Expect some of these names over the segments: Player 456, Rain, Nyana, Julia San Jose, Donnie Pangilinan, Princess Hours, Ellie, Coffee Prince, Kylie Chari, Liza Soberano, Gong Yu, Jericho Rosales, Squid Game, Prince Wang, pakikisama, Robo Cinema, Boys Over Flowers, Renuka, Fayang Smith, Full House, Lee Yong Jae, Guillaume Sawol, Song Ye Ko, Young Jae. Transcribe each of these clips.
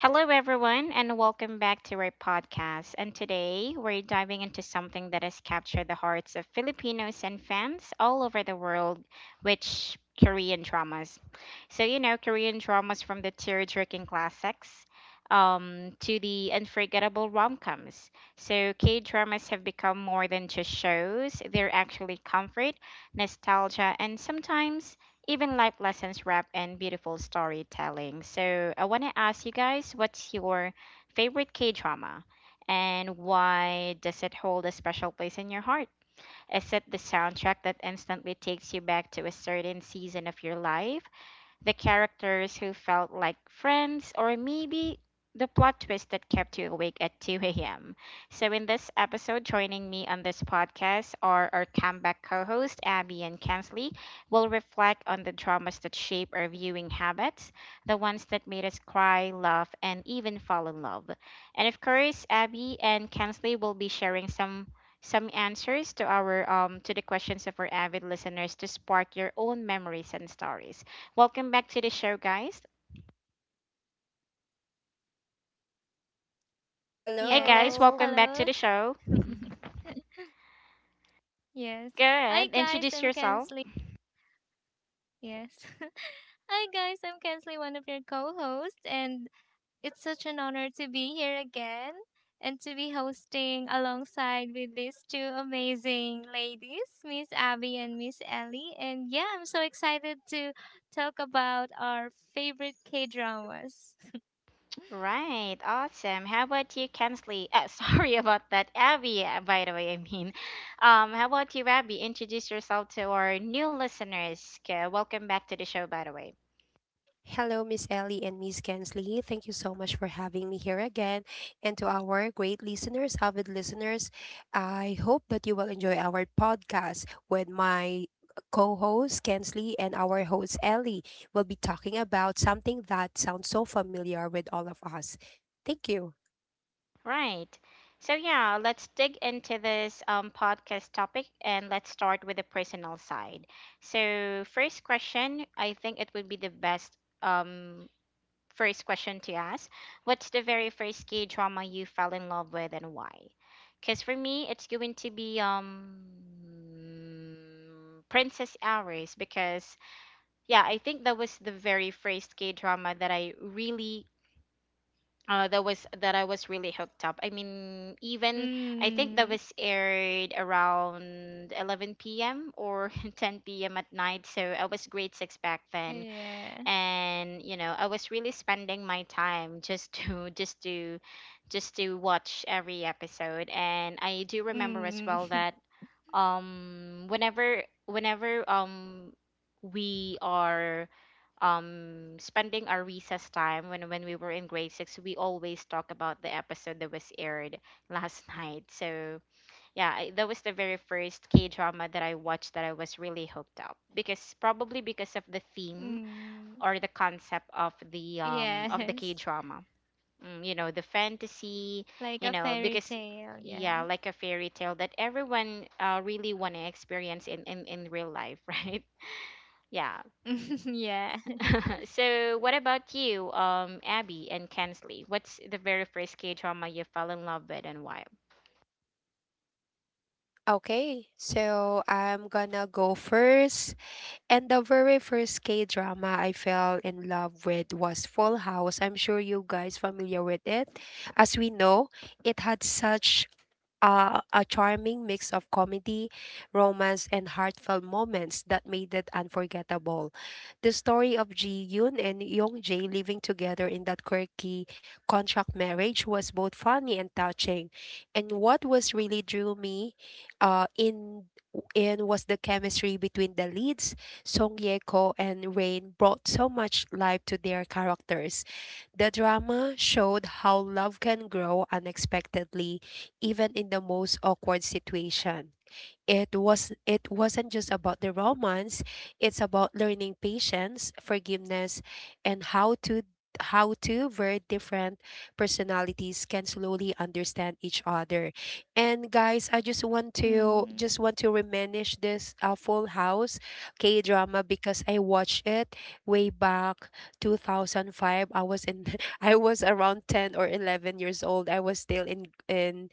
Hello, everyone, and welcome back to our podcast. And today we're diving into something that has captured the hearts of Filipinos and fans all over the world, which Korean dramas. Korean dramas from the tear jerking classics to the unforgettable rom coms. So, K dramas have become more than just shows, they're actually comfort, nostalgia, and sometimes even life lessons wrapped in beautiful storytelling. So I want to ask you guys, what's your favorite K drama, and why does it hold a special place in your heart? Is it the soundtrack that instantly takes you back to a certain season of your life? The characters who felt like friends, or maybe the plot twist that kept you awake at 2 a.m. So, in this episode, joining me on this podcast are our comeback co host, Abby and Kensley. We'll reflect on the dramas that shape our viewing habits, the ones that made us cry, laugh, and even fall in love. And of course, Abby and Kensley will be sharing some answers to our to the questions of our avid listeners to spark your own memories and stories. Welcome back to the show, guys. Hey, guys, Yes, Hello. welcome back to hello. the show. Mhm. Yes. Hi Good. guys, Introduce I'm yourself. Kensley. Yes. Hi guys, I'm Kensley, one of your co-hosts, and it's such an honor to be here again and to be hosting alongside with these two amazing ladies, Miss Abby and Miss Ellie. And yeah, I'm so excited to talk about our favorite K-dramas. Right. Awesome. How about you, Kensley? Sorry about that, Abby. By the way, how about you, Abby? Introduce yourself to our new listeners. 'Kay, welcome back to the show, by the way. Hello, Miss Ellie and Miss Kensley. Thank you so much for having me here again. And to our great listeners, avid listeners, I hope that you will enjoy our podcast with my co host Kensley and our host Ellie. We'll be talking about something that sounds so familiar with all of us. Thank you. Right. So yeah, let's dig into this podcast topic and let's start with the personal side. So first question, I think it would be the best um first question to ask. What's the very first K drama you fell in love with and why? Because for me, it's going to be Princess Hours because yeah, I think that was the very first K drama that I really that was that I was really hooked up. I mean, even I think that mm. was aired around 11 p.m. or 10 p.m. at night, so I was grade six back then Yeah. and you know I was really spending my time just to just to watch every episode and I do remember as Mm. well that um, whenever we are spending our recess time when we were in grade 6 we always talk about the episode that was aired last night. So yeah, that was the very first K drama that I watched that I was really hooked up, because probably because of the theme mm. or the concept of Yes. the K drama. Mm, you know, the fantasy, Like a you know, fairy because tale, yeah, yeah. like a fairy tale that everyone really want to experience in real life, right? Yeah. yeah. So what about you, Abby and Kensley? What's the very first K drama you fell in love with and why? Okay, so I'm gonna go first. And the very first K drama I fell in love with was Full House. I'm sure you guys familiar with it. As we know, it had such a charming mix of comedy, romance, and heartfelt moments that made it unforgettable. The story of Ji Yoon and Young Jae living together in that quirky contract marriage was both funny and touching. And what was really drew me uh, in in was the chemistry between the leads. Song Ye Ko and Rain brought so much life to their characters. The drama showed how love can grow unexpectedly even in the most awkward situation. It wasn't just about the romance, it's about learning patience, forgiveness, and how to how two very different personalities can slowly understand each other. And guys, I just want to Mm. Reminisce this Full House K-drama because I watched it way back 2005. I was in I was around 10 or 11 years old. I was still in in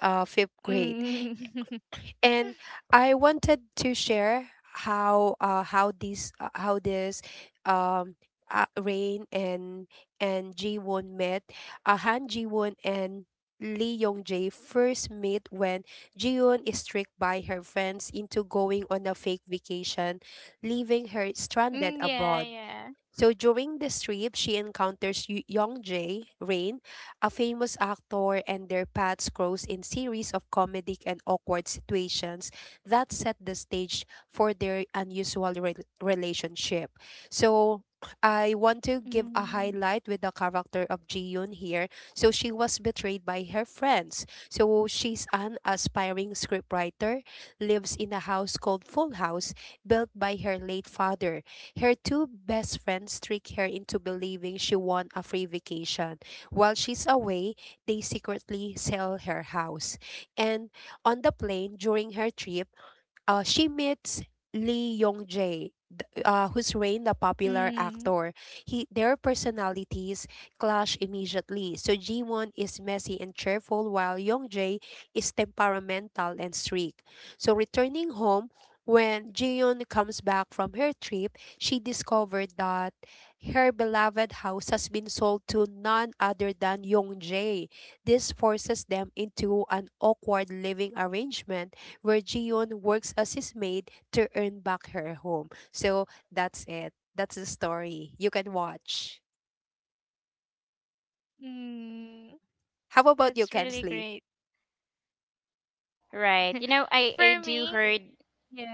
uh, fifth grade, Mm. and I wanted to share how this um Rain and Ji Won met. Han Ji Won and Lee Yong Jae first meet when Ji Won is tricked by her friends into going on a fake vacation, leaving her stranded Mm, yeah, abroad. yeah. So during this trip, she encounters Young Jae Rain, a famous actor, and their paths cross in series of comedic and awkward situations that set the stage for their unusual relationship. So I want to give a Mm. highlight with the character of Ji Yoon here. So she was betrayed by her friends. So she's an aspiring scriptwriter, lives in a house called Full House, built by her late father. Her two best friends trick her into believing she won a free vacation. While she's away, they secretly sell her house. And on the plane during her trip, she meets Lee Yong Jae, who's Rain, the popular Mm. actor. He their personalities clash immediately. So Jiwon is messy and cheerful, while Yong Jae is temperamental and strict. So returning home. When Jiyeon comes back from her trip, she discovered that her beloved house has been sold to none other than Yong Jae. This forces them into an awkward living arrangement where Jion works as his maid to earn back her home. So that's it. That's the story. You can watch. Mm. How about That's you, really Kensley? great. Right. You know, I For do heard. me,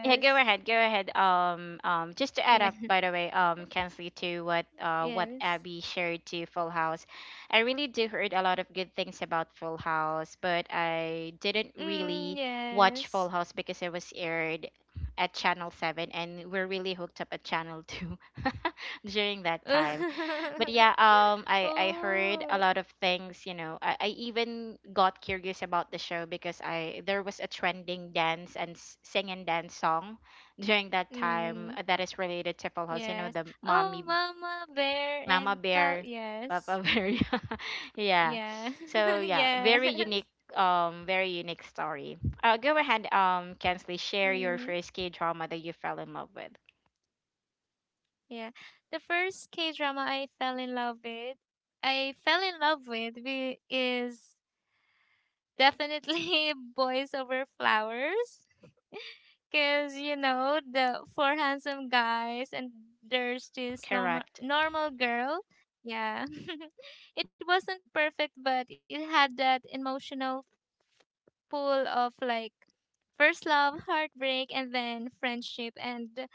Yeah, go ahead. Just to add up, Yeah. by the way, Kensley, to what Yes. Abby shared to Full House, I really do heard a lot of good things about Full House, but I didn't really Mm, watch Full yes. House because it was aired at Channel Seven, and we're really hooked up at Channel Two during that time. But yeah, I heard a oh. lot of things. You know, I even got curious about the show because I there was a trending dance and sing and dance song during that Mm, time, that is related to Full yes. House. You know, the Oh, mommy Mama Bear and mama Pau. bear Yes. papa bear. Yeah, Yeah. so yeah, yes. Very unique story. Go ahead, Kensley, share your Mm. first K drama that you fell in love with. Yeah. The first K drama I fell in love with, I fell in love with we- is definitely Boys Over Flowers. Because, you know, the four handsome guys and there's this normal, Correct. normal girl. Yeah. It wasn't perfect, but it had that emotional pull of like first love, heartbreak, and then friendship. And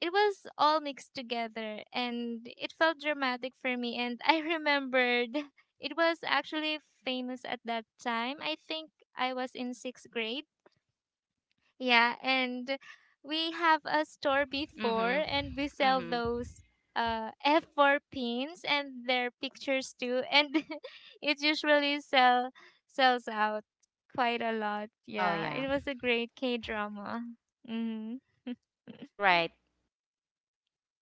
it was all mixed together and it felt dramatic for me, and I remembered it was actually famous at that time. I think I was in 6th grade, yeah, and we have a store Mm-hmm. before and we sell Mm-hmm. those F4 pins and their pictures too, and it usually sell sells out quite a lot. Oh Yeah, yeah. it was a great K drama. Mm-hmm. Right.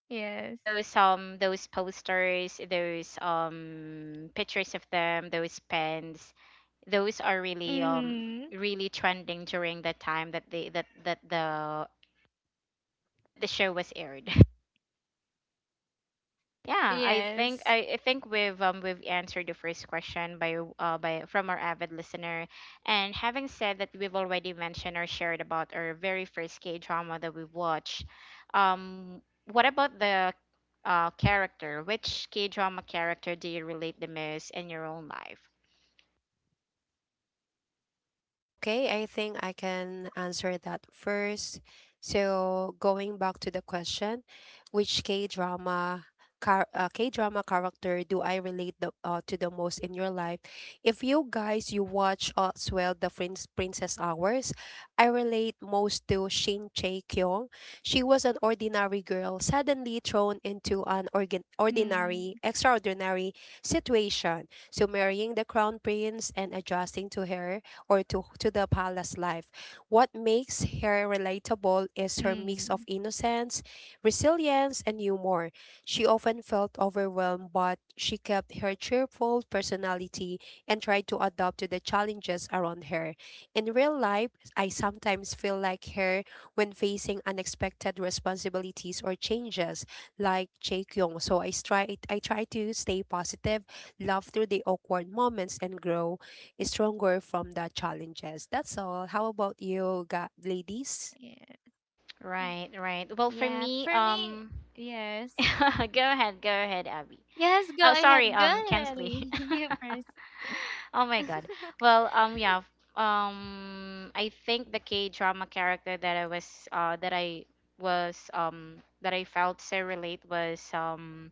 yes Those posters, those pictures of them, those pens, those are really mm-hmm. really trending during the time that they that that the show was aired. Yeah, Yes. I think we've answered the first question by from our avid listener. And having said that we've already mentioned or shared about our very first K drama that we watched, um what about the character? Which K drama character do you relate the most in your own life? Okay, I think I can answer that first. So, going back to the question, which K-drama character do I relate to the most in your life? If you guys you watch as well the Princess Hours, I relate most to Shin Chae-kyung. She was an ordinary girl suddenly thrown into an organ Mm. ordinary extraordinary situation. So marrying the crown prince and adjusting to to the palace life. What makes her relatable is her Mm. mix of innocence, resilience, and humor. She often felt overwhelmed, but she kept her cheerful personality and tried to adapt to the challenges around her. In real life, I sometimes feel like her when facing unexpected responsibilities or changes, like Chae Kyung. So I try to stay positive, love through the awkward moments, and grow stronger from the challenges. That's all. How about you, ladies? Yeah. Right, right. Well for Yeah. me, For me, um, yes. Go ahead, Abby. Yes, go Oh ahead. sorry, Go um, ahead, Kensley. Ali. You first. Oh my god. Well, yeah, I think the K-drama character that I was that I was that I felt so relate was um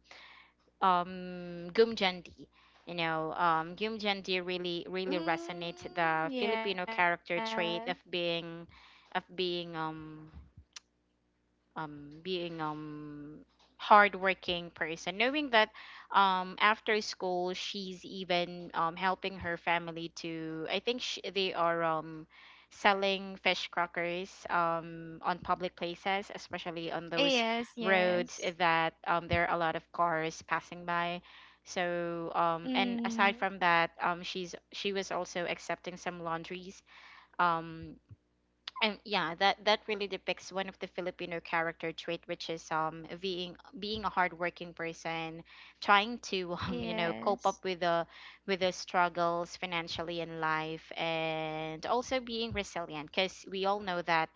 um Gum Jeonti. You know, um, Gum Jeonti really really resonates the mm, Filipino yeah. character trait of being being hardworking person, knowing that after school she's even helping her family to. I think sh they are selling fish crackers on public places, especially on those Yes, roads yes. that there are a lot of cars passing by. So and aside Mm. from that, she was also accepting some laundries. Um, and yeah, that that really depicts one of the Filipino character trait, which is being a hardworking person, trying to you know cope up Yes. with the struggles financially in life, and also being resilient. Because we all know that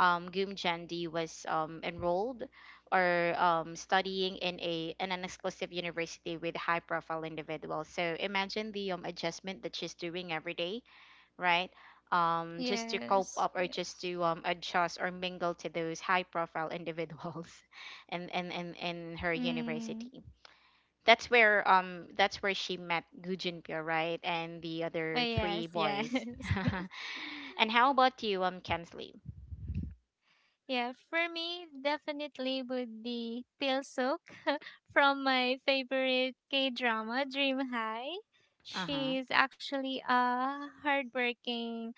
Goom Jandy was enrolled or studying in a in an exclusive university with high profile individuals. So imagine the adjustment that she's doing every day, right? Just to cope Yes. up or just Yes. to adjust or mingle to those high profile individuals in her Mm. university. That's where she met Gu Junpyo, right? And the Oh, other yes, three yes. boys. And how about you, um, Kensley? Yeah, for me, definitely would be Pil Suk from my favorite K drama, Dream High. Uh-huh. She's actually a hardworking,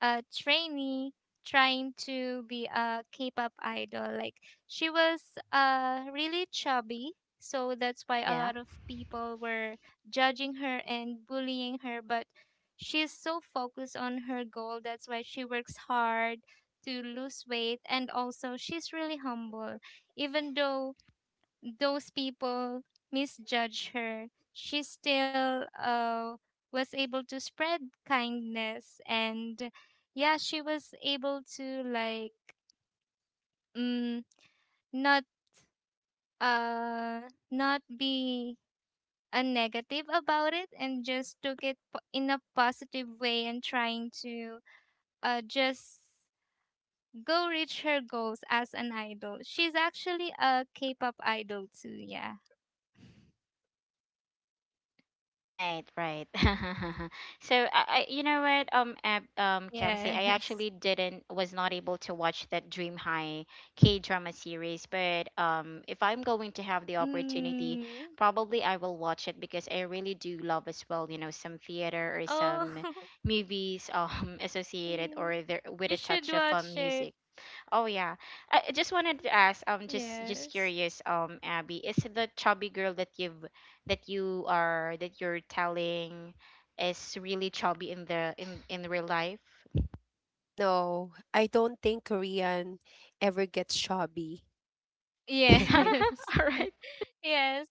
a trainee trying to be a K-pop idol. Like, she was really chubby, so that's why a Yeah. lot of people were judging her and bullying her, but she's so focused on her goal. That's why she works hard to lose weight, and also she's really humble. Even though those people misjudge her, she still was able to spread kindness. And yeah, she was able to like mm, not uh not be a negative about it and just took it in a positive way and trying to just go reach her goals as an idol. She's actually a K-pop idol too, yeah. Right, right. So I, you know what, Kenzie, I Yes. actually didn't, was not able to watch that Dream High K drama series, but if I'm going to have the Mm. opportunity, probably I will watch it because I really do love as well, you know, some theater or Oh, some movies mm, associated or there you with a should touch of watch it. music. Oh yeah. I just wanted to ask, um, just Yes. curious, um, Abby, is the chubby girl that you've that you are that you're telling is really chubby in the in real life? No, I don't think Korean ever gets shabby. Yes. All right. Yes.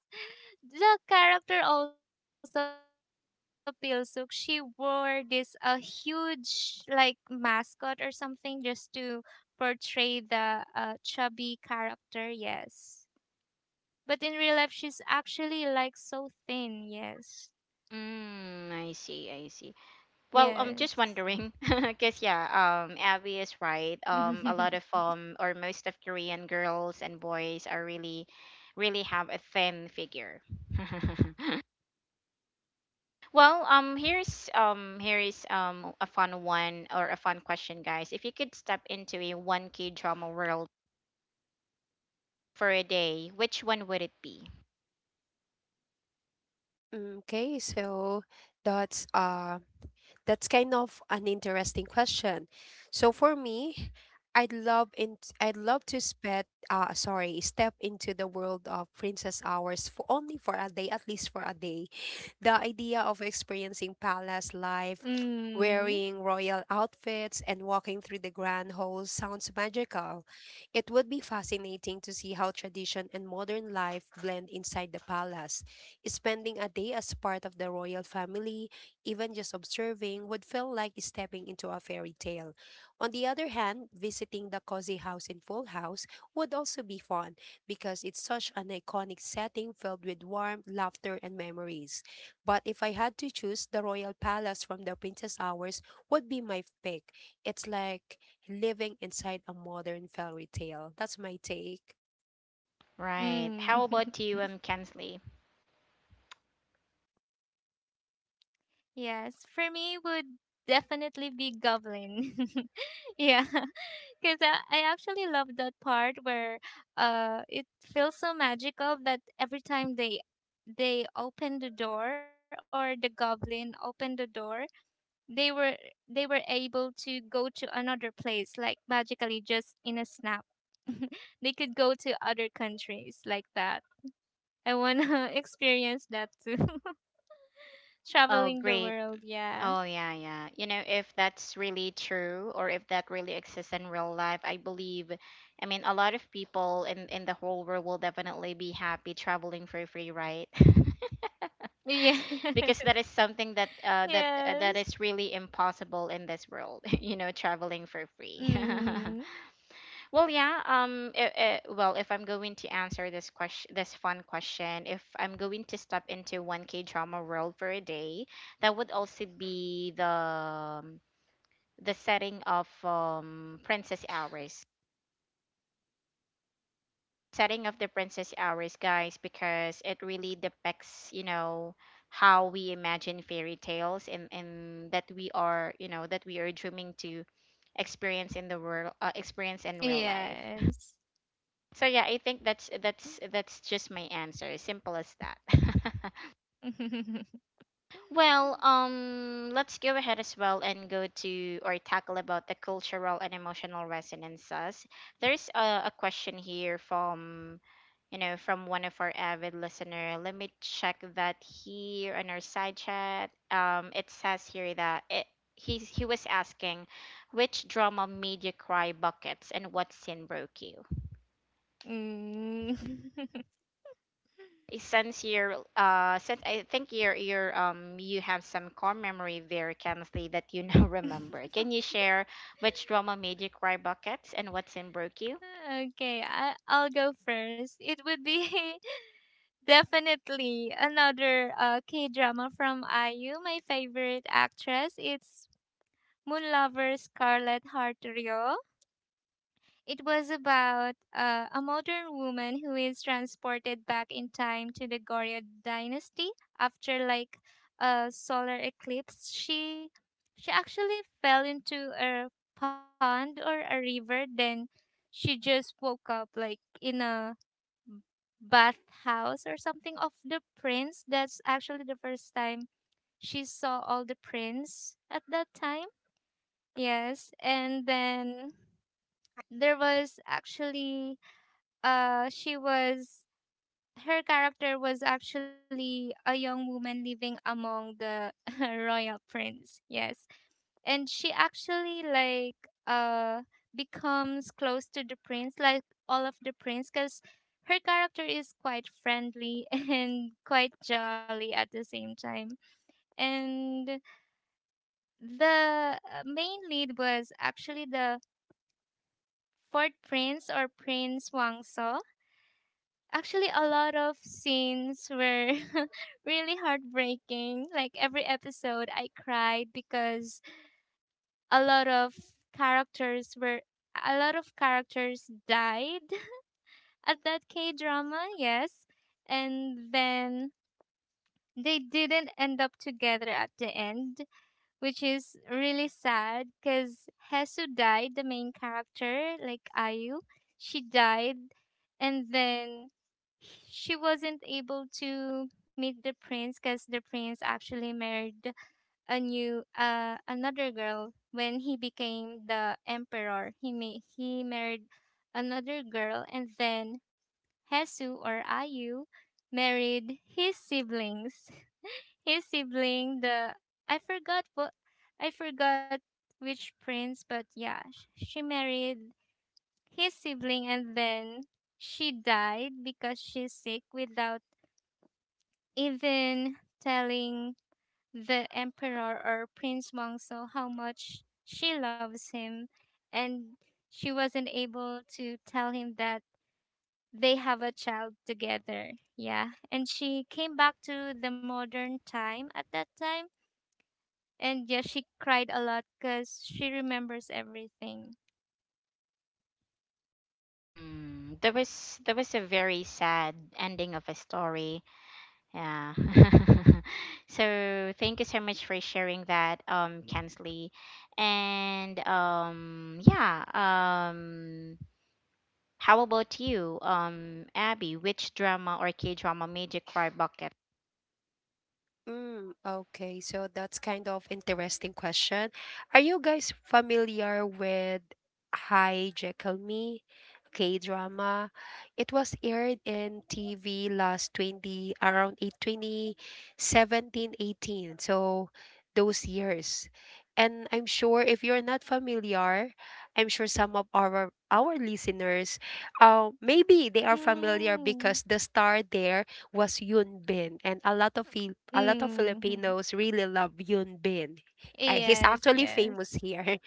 The character also Pilsuk, she wore this a huge like mascot or something just to portray the chubby character. Yes. But in real life she's actually like so thin. Yes. Mm, I see, I see. Well, Yes. I'm just wondering, because yeah, Abby is right. A lot of or most of Korean girls and boys are really, really have a thin figure. Well, here's here is a fun one or a fun question, guys. If you could step into a 1K drama world for a day, which one would it be? okay, so that's uh That's kind of an interesting question. So for me, I'd love to spend sorry, step into the world of Princess Hours for only for a day, at least for a day. The idea of experiencing palace life, mm, wearing royal outfits and walking through the grand halls sounds magical. It would be fascinating to see how tradition and modern life blend inside the palace. Spending a day as part of the royal family, even just observing, would feel like stepping into a fairy tale. On the other hand, visiting the cozy house in Full House would also be fun because it's such an iconic setting filled with warmth, laughter, and memories. But if I had to choose, the royal palace from the Princess Hours would be my pick. It's like living inside a modern fairy tale. That's my take. Right. How mm. about you, Kensley? Yes, for me would definitely be Goblin. yeah, because I actually love that part where it feels so magical that every time they open the door, or the goblin open the door, they were, they were able to go to another place like magically just in a snap. They could go to other countries like that. I want to experience that too, Oh, traveling the great. world. Yeah. Oh, yeah, yeah. You know, if that's really true or if that really exists in real life, I believe, I mean, a lot of people in the whole world will definitely be happy traveling for free, right? Yeah. Because that is something that yes is really impossible in this world you know traveling for free. mm, Well yeah, um, well if I'm going to answer this question, this fun question, if I'm going to step into 1k drama world for a day, that would also be the setting of um, Princess Hours, guys, because it really depicts, you know, how we imagine fairy tales, and that we are, you know, that we are dreaming to experience in the world, experience in real life. yes So yeah, I think that's just my answer. Simple as that. Well, let's go ahead as well and go to or tackle about the cultural and emotional resonances. There's a question here from you know, from one of our avid listener. Let me check that here on our side chat. It says here he was asking which drama made you cry buckets and what scene broke you. mm. Since you're since I think you have some core memory there, Kennedy, that you now remember. Can you share which drama made you cry buckets and what scene broke you? okay, I'll go first. It would be definitely another K drama from IU. My favorite actress, it's Moon Lover Scarlett Hartrio. It was about a modern woman who is transported back in time to the Goryeo dynasty after like a solar eclipse. She actually fell into a pond or a river. Then she just woke up like in a bathhouse or something of the prince. That's actually the first time she saw all the prints at that time. Yes, and then there was actually, she was her character was actually a young woman living among the royal prince. Yes, and she actually like uh becomes close to the prince, like all of the prince, because her character is quite friendly and quite jolly at the same time. And the main lead was actually the fourth prince, or prince Wang. So actually a lot of scenes were really heartbreaking. Like every episode I cried because a lot of characters were a lot of characters died at that K drama, yes. And then they didn't end up together at the end, which is really sad because Hesu died, the main character, like Ayu. She died, and then she wasn't able to meet the prince because the prince actually married a new another girl. When he became the emperor, he married another girl, and then Hesu or Ayu married his siblings, his sibling. The I forgot what I forgot which prince, but yeah, she married his sibling, and then she died because she's sick without even telling the emperor or Prince Wang saw how much she loves him, and she wasn't able to tell him that they have a child together. Yeah. And she came back to the modern time at that time. And yeah, she cried a lot because she remembers everything. Hmm, there was a very sad ending of a story. Yeah. So thank you so much for sharing that, Kensley. And yeah, how about you, Abby? Which drama or K drama made you cry bucket? Mm, okay, so that's kind of interesting question. Are you guys familiar with Hi Jekyll Me K-drama? It was aired in TV last 20 around 8, 2017, 18. So those years. And I'm sure if you're not familiar, I'm sure some of our listeners, maybe they are familiar Mm. because the star there was Yoon Bin, and a lot of Mm. Filipinos really love Yoon Bin. He's Yes, actually yes. famous here.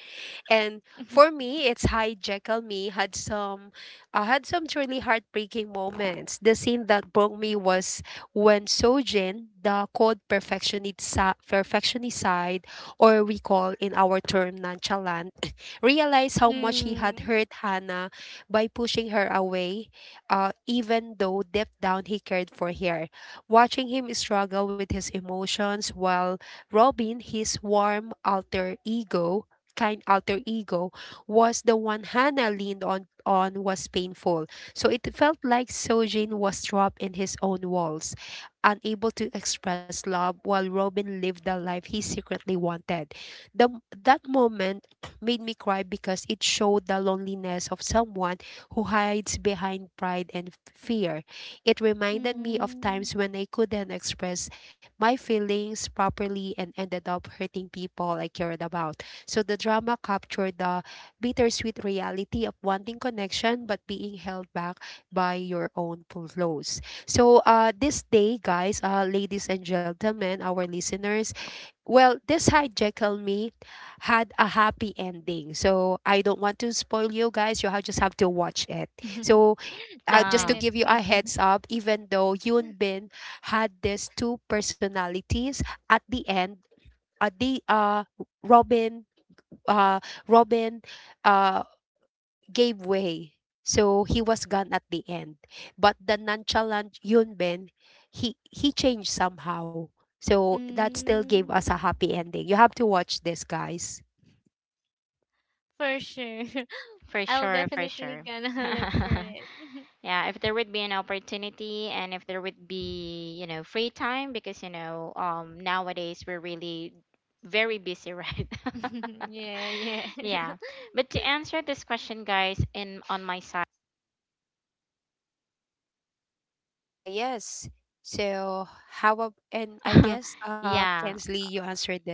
And for me, it's Hi Jekyll Me had some truly heartbreaking moments. The scene that broke me was when Sojin, the cold perfectionist side, or we call in our term nonchalant, realized how much he had mm. hurt Hannah by pushing her away, even though deep down he cared for her. Watching him struggle with his emotions while Robin, his warm alter ego, kind alter ego was the one Hannah leaned on was painful. So it felt like Sojin was trapped in his own walls, unable to express love while Robin lived the life he secretly wanted. That moment made me cry because it showed the loneliness of someone who hides behind pride and fear. It reminded me of Mm. times when I couldn't express my feelings properly and ended up hurting people I cared about. So the drama captured the bittersweet reality of wanting connection but being held back by your own flaws. So this day, guys, ladies and gentlemen, our listeners, well, this hijackal me had a happy ending. So I don't want to spoil you guys. Just have to watch it. So just Ah, to give you a Definitely. heads up, even though Yoon Bin had these two personalities at the end, the Robin uh, Robin uh, gave way. So he was gone at the end. But the nonchalant Yunben, he changed somehow. So that still gave Mm. us a happy ending. You have to watch this, guys. For sure. for I'll sure, for definitely sure. gonna look for it. Yeah, if there would be an opportunity and if there would be, you know, free time because, you know, um, nowadays we're really very busy, right? yeah, yeah. Yeah. But to answer this question, guys, in on my side, Ah, yes. So and I guess yeah. Kensley, you answered that.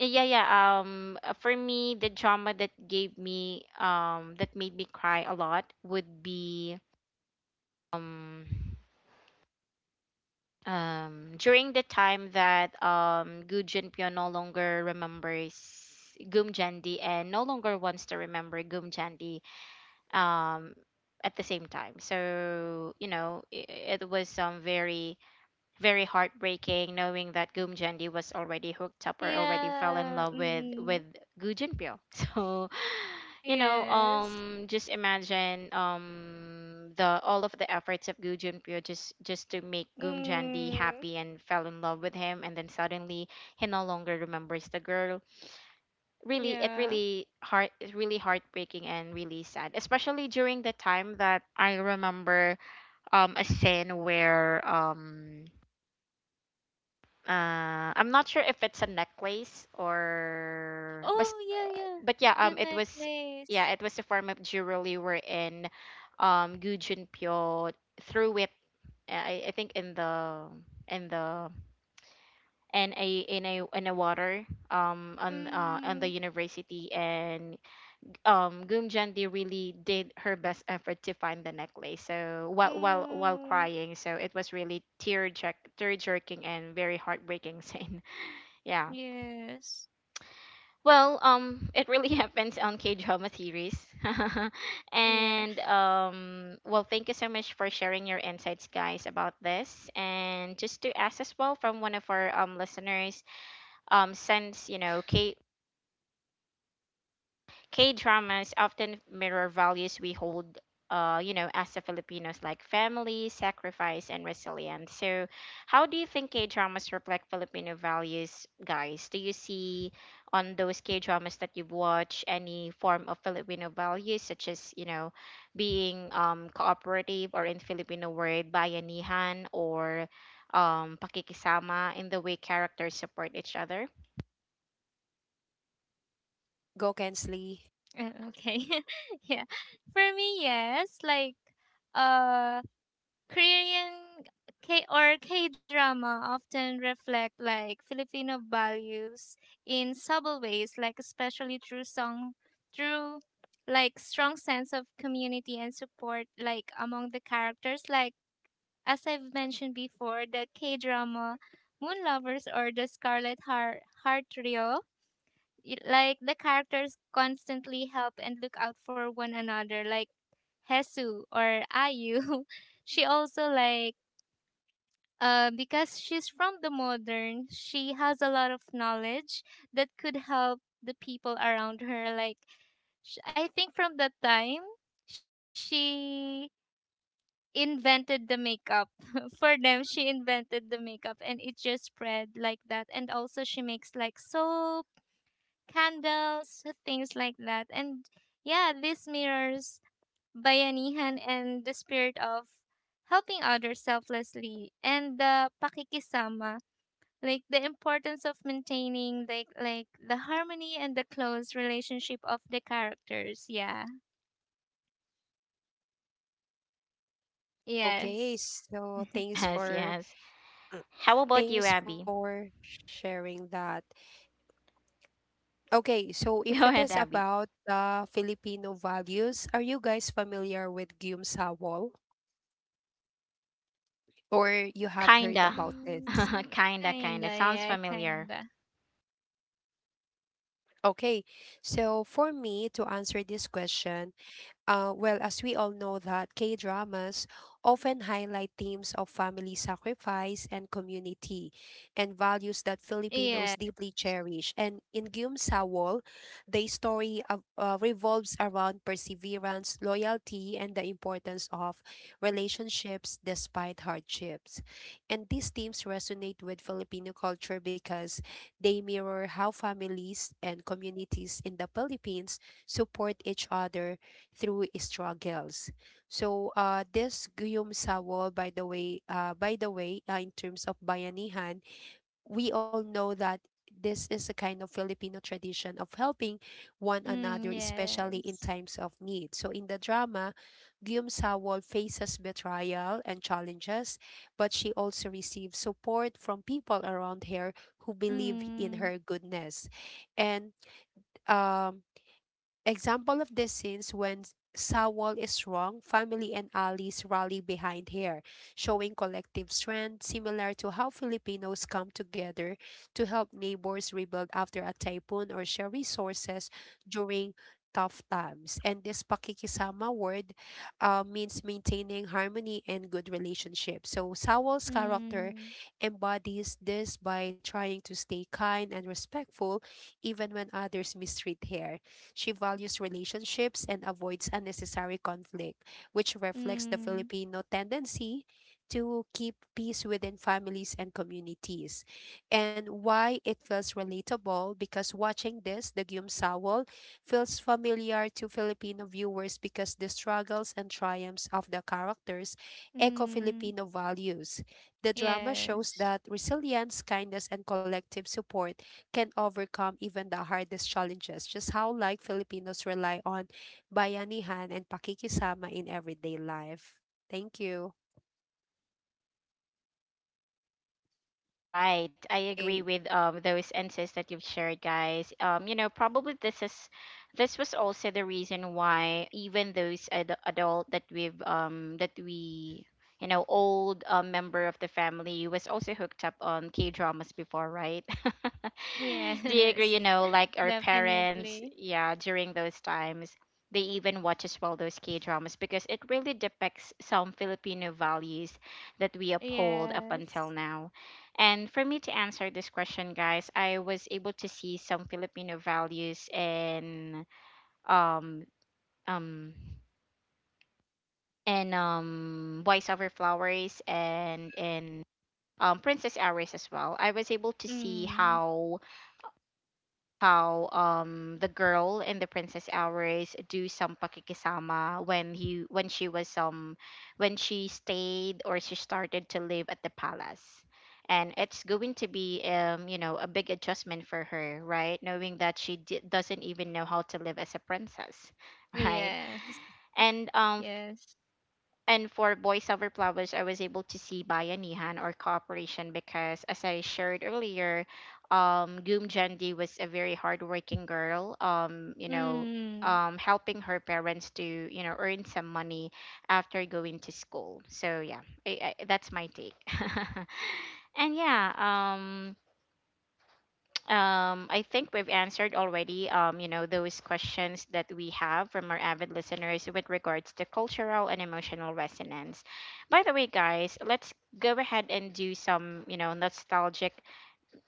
Yeah, yeah. For me, the drama that gave me, that made me cry a lot would be, um, during the time that Gu Junpyo no longer remembers Gum Jandi and no longer wants to remember Gum Jandi um at the same time. So, you know, it was very very heartbreaking knowing that Goom Jendi was already hooked up or already fell in Yeah. love with Mm, Gu Junpyo. So, you know, yes. Just imagine the all of the efforts of Gu Junpyo just to make Goom Jendi Mm, happy and fell in love with him, and then suddenly he no longer remembers the girl. Really, yeah. It's really heartbreaking and really sad, especially during the time that I remember a scene where I'm not sure if it's a necklace Oh, yeah, yeah. but yeah, The it was necklace. yeah, it was a form of jewelry wherein Gu Junpyo threw it I think in the in the in a water on Mm, the university and Goom Jandi really did her best effort to find the necklace so while mm, crying, so it was really tear jerking and very heartbreaking scene. Yeah. yes. Well, it really happens on K drama series. Yeah. And well, thank you so much for sharing your insights, guys, about this. And just to ask as well from one of our listeners, since you know K dramas often mirror values we hold, you know, as a Filipinos, like family, sacrifice, and resilience. So, how do you think K dramas reflect Filipino values, guys? Do you see on those K dramas that you've watched any form of Filipino values, such as, you know, being cooperative, or in Filipino word, bayanihan, or pakikisama in the way characters support each other? Go Kensley. Okay. yeah. For me, yes. Like, uh, Korean K drama often reflect like Filipino values in subtle ways, like especially through song, through like strong sense of community and support like among the characters. Like, as I've mentioned before, the K drama Moon Lovers or the Scarlet Heart Trio. Like the characters constantly help and look out for one another, like Hesu or Ayu. She also like because she's from the modern, she has a lot of knowledge that could help the people around her. Like, I think from that time, she invented the makeup. For them, she invented the makeup and it just spread like that. And also, she makes like soap, candles, things like that. And yeah, this mirrors Bayanihan and the spirit of helping others selflessly, and the pakikisama, like the importance of maintaining like the harmony and the close relationship of the characters. Yeah. Okay, Yes. so thanks Yes, for yes. How about you, thanks Abby? for sharing that. Okay, so if Go it ahead, is Abby. about the Filipino values, are you guys familiar with Guillaume Sawol or you have heard Kinda. about this? Mm, Kinda, kinda. kinda. Sounds Yeah, familiar. kinda. Okay, so for me to answer this question, well, as we all know that K-dramas often highlight themes of family sacrifice and community and values that Filipinos Yeah. deeply cherish. And in Gyum Sawol, the story of, revolves around perseverance, loyalty, and the importance of relationships despite hardships. And these themes resonate with Filipino culture because they mirror how families and communities in the Philippines support each other through struggles. So this Guillaume Sawol, by the way, in terms of bayanihan, we all know that this is a kind of Filipino tradition of helping one another, Mm, especially in yes. times of need. So in the drama, Guillaume Sawol faces betrayal and challenges, but she also receives support from people around her who believe in Mm, her goodness. And um, example of this scenes when Sawol is wrong, family and allies rally behind her, showing collective strength similar to how Filipinos come together to help neighbors rebuild after a typhoon or share resources during tough times. And this pakikisama word means maintaining harmony and good relationships. So Sawol's character mm, embodies this by trying to stay kind and respectful even when others mistreat her. She values relationships and avoids unnecessary conflict, which reflects the mm, Filipino tendency to keep peace within families and communities. And why it feels relatable, because watching this, the Gyum feels familiar to Filipino viewers because the struggles and triumphs of the characters echo mm, Filipino values. The drama shows yes, that resilience, kindness, and collective support can overcome even the hardest challenges. Just how like Filipinos rely on bayanihan and pakikisama in everyday life. Thank you. Right. I agree Okay. with those insights that you've shared, guys. You know, probably this is this was also the reason why even those adult that we've that we you know old member of the family was also hooked up on K dramas before, right? Do you yes. agree? You know, like our parents, Definitely. yeah, during those times. They even watch as well those K dramas because it really depicts some Filipino values that we uphold up until Yes. now. And for me to answer this question, guys, I was able to see some Filipino values and um um voice over flowers and princess hours as well. I was able to see Mm, how the girl in the princess hours do some pakikisama when she was when she stayed, or she started to live at the palace, and it's going to be you know a big adjustment for her, right, knowing that she doesn't even know how to live as a princess. Right. yes, And yes. For Boys Over Flowers, I was able to see Bayanihan or cooperation because, as I shared earlier, Goom Jandi was a very hardworking girl, you know, Mm, helping her parents to, you know, earn some money after going to school. So, yeah, that's my take. And yeah, I think we've answered already, you know, those questions that we have from our avid listeners with regards to cultural and emotional resonance. By the way, guys, let's go ahead and do some, you know, nostalgic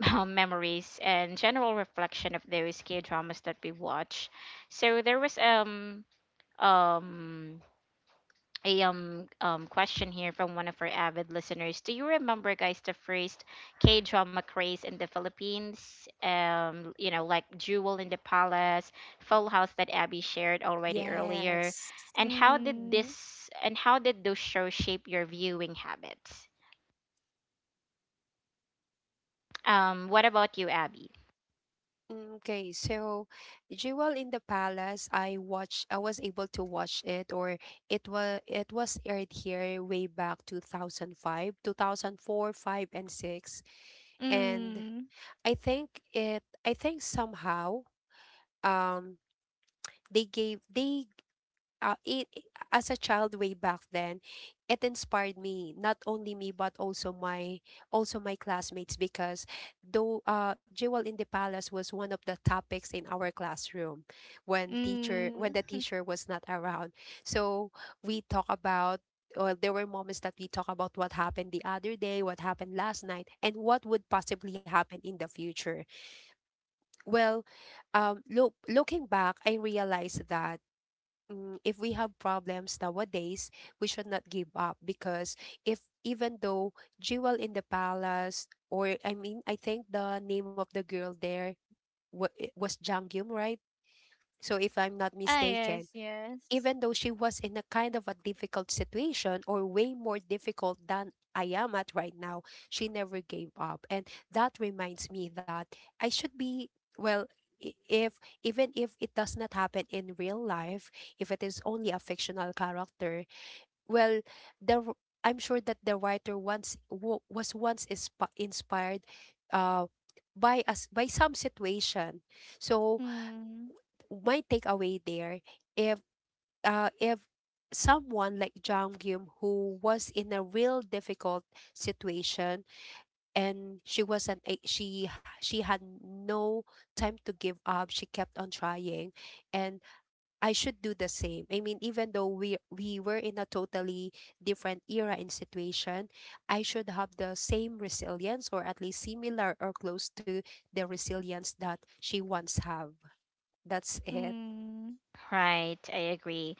memories and general reflection of those K dramas that we watch. So there was um a question here from one of our avid listeners. Do you remember, guys, the first K drama craze in the Philippines? You know, like Jewel in the Palace, Full House that Abby shared already earlier, Yes. and mm. How did those shows shape your viewing habits? What about you, Abby? Okay, so Jewel in the Palace, I was able to watch it, or it was aired here way back 2005, 2004, 5, 2004, five, and 6. And Mm, I think somehow um they gave they it as a child, way back then, it inspired me, not only me but also my classmates, because, though Jewel in the Palace was one of the topics in our classroom when the mm. teacher was not around. So, we talk about or there were moments that we talk about what happened the other day, what happened last night, and what would possibly happen in the future. Well, looking back, I realized that, if we have problems nowadays, we should not give up because, if even though Jewel in the Palace, or I mean, I think the name of the girl there, it was Jang Gyum, right? So, if I'm not Ah, mistaken, yes, yes. even though she was in a kind of a difficult situation, or way more difficult than I am at right now, she never gave up. And that reminds me that I should be, well, if, even if it does not happen in real life, if it is only a fictional character, well, the r- I'm sure that the writer once was once inspired, uh, by some situation. So, Mm, my takeaway there, if if someone like Jang Gyum, who was in a real difficult situation, and she wasn't a- she had no time to give up, she kept on trying. And I should do the same. I mean, even though we were in a totally different era and situation, I should have the same resilience, or at least similar or close to the resilience that she once have. That's it. mm. Right, I agree.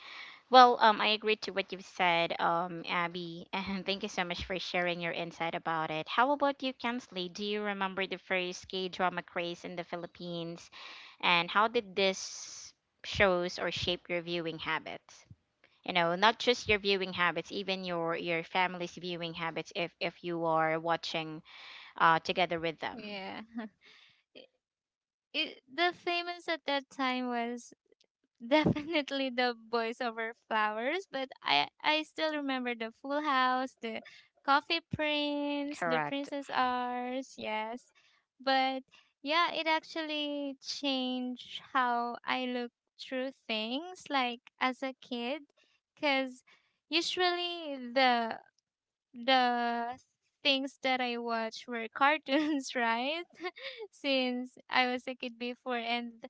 Well, I agree to what you've said, Abby, and thank you so much for sharing your insight about it. How about you, Kensley? Do you remember the first K drama craze in the Philippines, and how did this shows or shape your viewing habits? You know, not just your viewing habits, even your family's viewing habits, if you are watching together with them. Yeah. It, the famous at that time was definitely the Boys Over Flowers, but I still remember the Full House, the Coffee Prince, the Correct. Princess Ours. Yes. But yeah, it actually changed how I look through things like as a kid, because usually the things that I watch were cartoons. Right? Since I was a kid before, and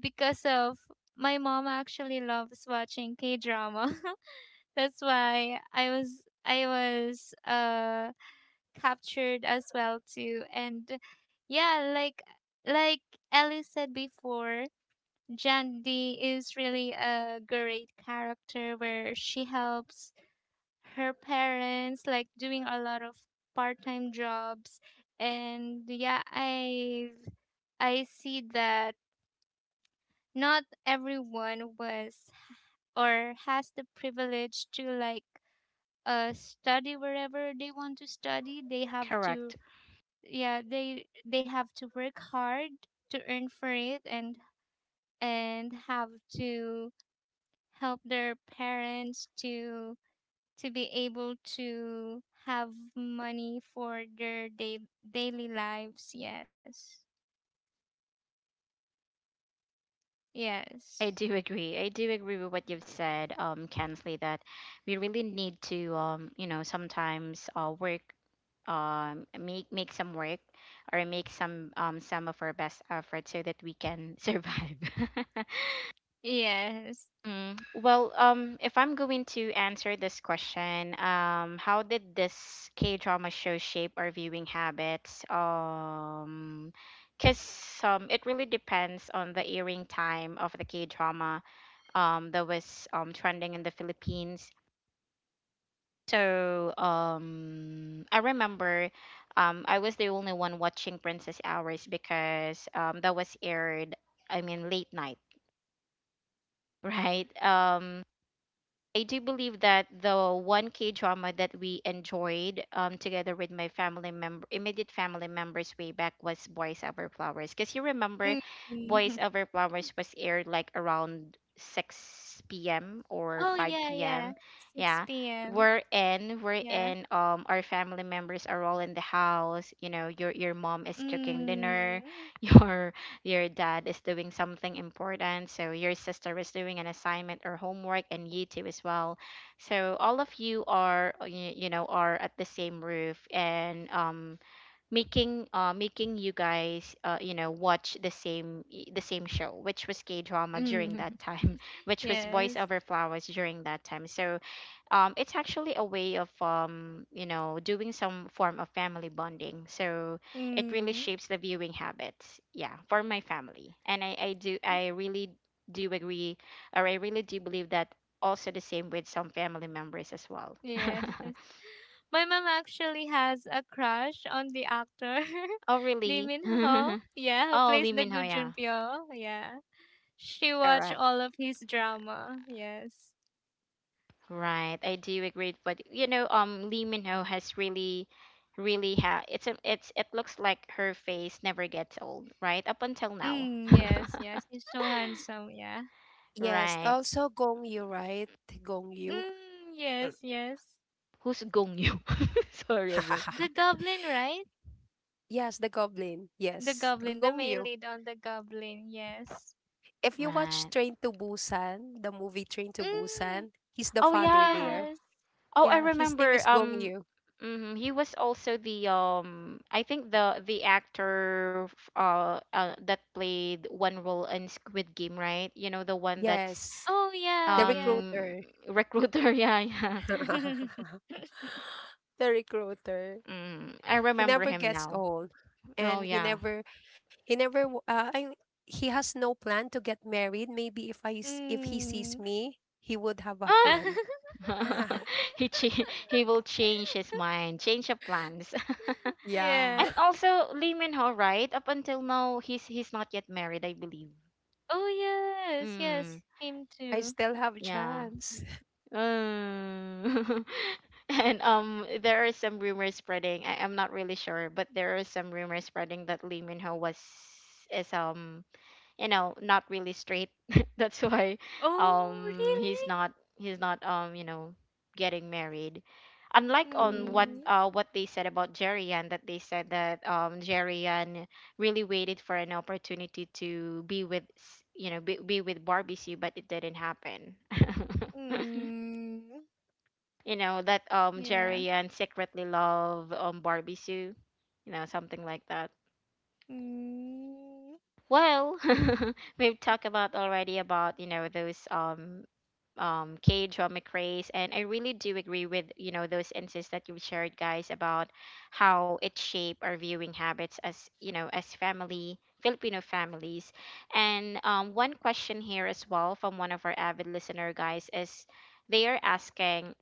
because of, my mom actually loves watching K drama. That's why I was captured as well too. And yeah, like Ellie said before, Jandy is really a great character where she helps her parents like doing a lot of part-time jobs. And yeah, I see that not everyone was or has the privilege to like study wherever they want to study. They have to, Correct. yeah, they have to work hard to earn for it, and have to help their parents to be able to have money for their daily lives. Yes. Yes. I do agree. I do agree with what you've said, Kensley, that we really need to, you know, sometimes work, make make some work, or make some of our best efforts so that we can survive. Yes. Mm. Well, if I'm going to answer this question, how did this K drama show shape our viewing habits? Because it really depends on the airing time of the K drama that was trending in the Philippines. So I remember I was the only one watching Princess Hours because that was aired I mean late night, right? I do believe that the one K drama that we enjoyed, together with my family member, immediate family members way back, was Boys Over Flowers. Because you remember, Boys Over Flowers was aired like around 6 p.m. or Oh yeah, 5 yeah. p.m. Yeah, 6 p.m. We're Yeah. in. Our family members are all in the house. You know, your mom is cooking dinner, Mm. your your dad is doing something important, so your sister is doing an assignment or homework, and you too as well. So all of you are, you know, are at the same roof, and making making you guys, you know, watch the same show, which was K drama during Mm. that time, which was Boys Yes. Over Flowers during that time. So it's actually a way of you know, doing some form of family bonding, so it really Mm. shapes the viewing habits, yeah, for my family. And I do I really do agree, or I really do believe that also the same with some family members as well. Yes. My mom actually has a crush on the actor Oh Lee really? Min Ho. Yeah, who Oh, plays Lee the Min Gu Ho, yeah. Junpyo. Yeah. She watched Correct. all of his drama. Yes. Right, I do agree, but you know Lee Min Ho has really really ha it's it's it looks like her face never gets old, right, up until now. Mm, yes, yes. He's so handsome, yeah. Yes, Right. also Gong Yu, right? Gong Yu. Mm, yes, yes. Who's Gong Yoo? Sorry about that. The goblin, right? Yes, the Goblin. The Yes, goblin, Gong the Gongyu. main lead on the goblin, yes. If you watch Right. Train to Busan, the movie Train to Mm, Busan, he's the Oh mm, father yeah. there. yes. Oh, I Yeah, his name remember. is Gong Gongyu. Mhm, he was also the I think the actor that played one role in Squid Game, right? You know the one that's Yes, Oh yeah, the yeah. um recruiter. recruiter. Yeah, yeah. The recruiter. Mm, I He remember never him gets now. old, Oh and he yeah. never, he never. I mean, he has no plan to get married. Maybe if if he sees mm. me, he would have a Ah! plan. He will change his mind, change of plans. Yeah, yeah. And also Lee Min Ho, right? Up until now, he's not yet married, I believe. Oh yes, Mm, yes, him I too. still have a yeah. chance. Uh, and there are some rumors spreading. I'm not really sure, but there are some rumors spreading that Lee Min Ho was is you know not really straight, that's why Oh um he's really? not he's not you know getting married, unlike on Mm. Mm, what they said about Jerian, that they said that Jerian really waited for an opportunity to be with you know be with Barbie Sue, but it didn't happen. mm, You know that yeah. Jerian secretly love Barbie Sue, you know, something like that. Mm, Well, we've talked about already about you know those K-drama craze, and I really do agree with you know those insights that you shared, guys, about how it shaped our viewing habits as you know as family Filipino families. And one question here as well from one of our avid listener guys is they are asking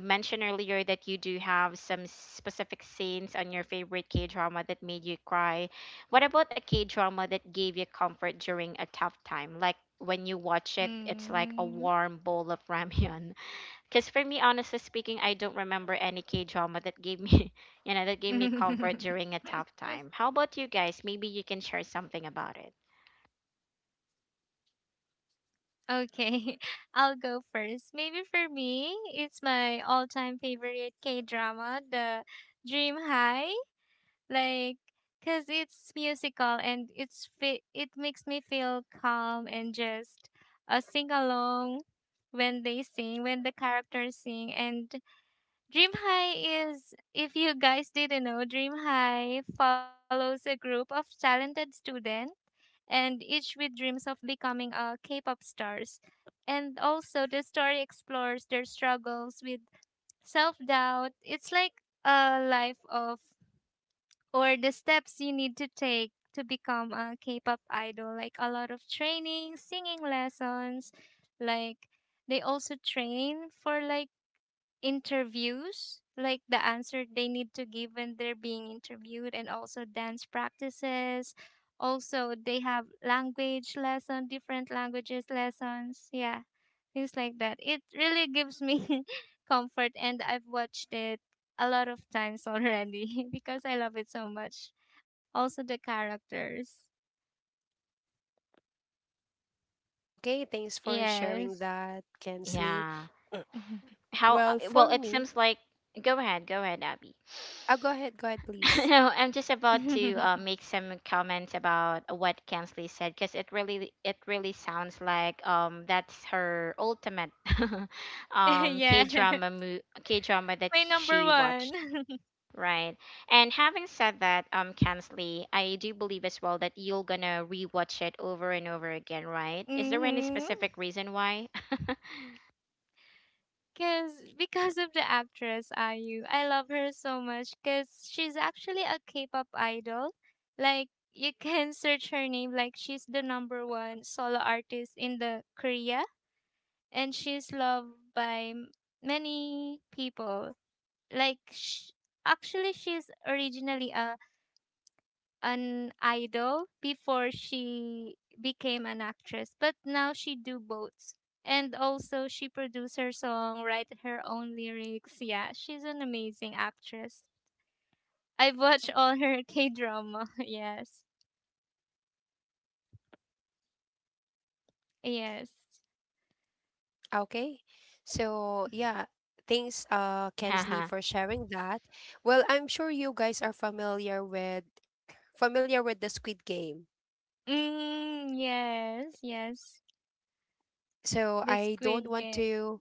mentioned earlier that you do have some specific scenes on your favorite K drama that made you cry. What about a K drama that gave you comfort during a tough time? Like when you watch it, it's like a mm. warm bowl of ramyun. Because for me, honestly speaking, I don't remember any K drama that gave me, you know, that gave me comfort during a tough time. How about you guys? Maybe you can share something about it. okay, I'll go first. Maybe for me, it's my all-time favorite K-drama, The Dream High. Like, because it's musical and it makes me feel calm and just sing along when they sing, when the characters sing. And Dream High is, if you guys didn't know, Dream High follows a group of talented students, and each with dreams of becoming a K-pop stars. And also the story explores their struggles with self-doubt. It's like a life of, or the steps you need to take to become a K-pop idol, like a lot of training, singing lessons, like they also train for like interviews, like the answer they need to give when they're being interviewed, and also dance practices. Also, they have language lesson, different languages lessons. Yeah, things like that. It really gives me comfort, and I've watched it a lot of times already because I love it so much. Also, the characters. Okay, thanks for Yes. sharing that, Kensley. Yeah. Mm, How? Uh, Well, well, for it me, seems like. Go ahead. Go ahead, Abby. Go ahead, please. No, I'm just about to make some comments about what Kensley said, because it really sounds like that's her ultimate yeah. K drama that My number she one. watched. Right. And having said that, Kensley, I do believe as well that you're gonna rewatch it over and over again, right? Is there any Mm-hmm. specific reason why? Cause Because of the actress IU, I love her so much. Cause she's actually a K-pop idol. Like you can search her name. Like she's the #1 solo artist in the Korea, and she's loved by many people. Like actually, she's originally a, an idol before she became an actress, but now she do both. And also she produce her song, write her own lyrics. Yeah, she's an amazing actress. I've watched all her K drama. Yes. Yes. Okay. So, yeah, thanks, Yeah, Kensley, huh. for sharing that. Well, I'm sure you guys are familiar with the Squid Game. Mm, yes, yes. So, The I don't Squid want Game. to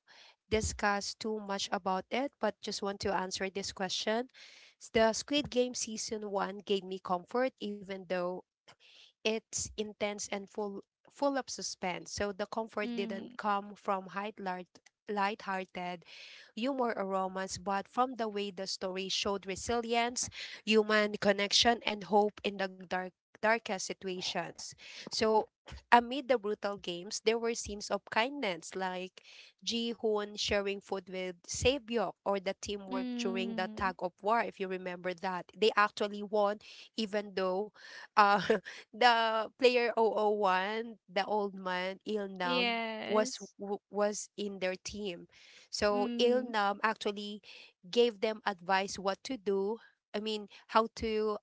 discuss too much about it, but just want to answer this question. The Squid Game season 1 gave me comfort, even though it's intense and full of suspense. So, the comfort didn't Mm, come from height light hearted humor or romance, but from the way the story showed resilience, human connection, and hope in the darkest situations. So, amid the brutal games, there were scenes of kindness, like Ji Hoon sharing food with Saebyok, or the teamwork during the tug mm, of war. If you remember that, they actually won, even though, uh, the player zero zero 001, the old man Il Nam, was yes. w- was in their team. So Mm, Ilnam actually gave them advice what to do. I mean, how to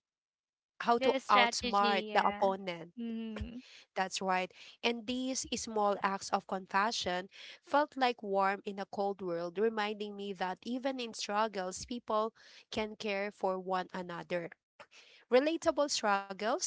how to the outsmart strategy, the yeah. opponent. Mm, That's right. And these small acts of compassion felt like warm in a cold world, reminding me that even in struggles, people can care for one another. Relatable struggles,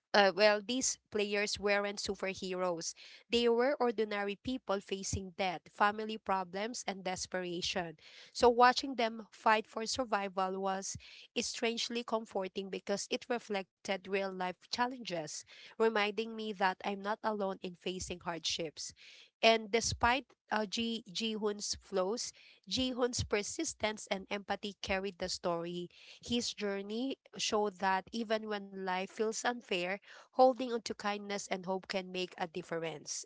well, these players weren't superheroes. They were ordinary people facing death, family problems, and desperation. So, watching them fight for survival was strangely comforting, because it reflected real life challenges, reminding me that I'm not alone in facing hardships. And despite Ji Ji-hoon's flaws, Ji-hoon's persistence and empathy carried the story. His journey showed that even when life feels unfair, holding on to kindness and hope can make a difference.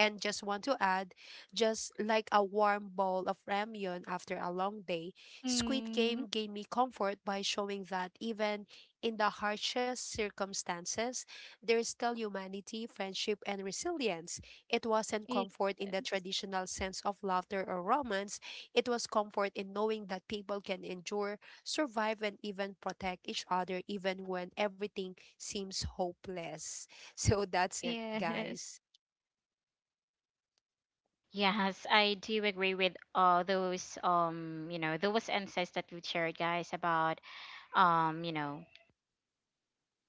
And just want to add, just like a warm bowl of ramyun after a long day, Squid mm, Game gave me comfort by showing that, even in the harshest circumstances, there is still humanity, friendship, and resilience. It wasn't comfort in the yes. traditional sense of laughter or romance. It was comfort in knowing that people can endure, survive, and even protect each other, even when everything seems hopeless. So that's it, Yes. guys. Yes, I do agree with all those those insights that you shared, guys, about um you know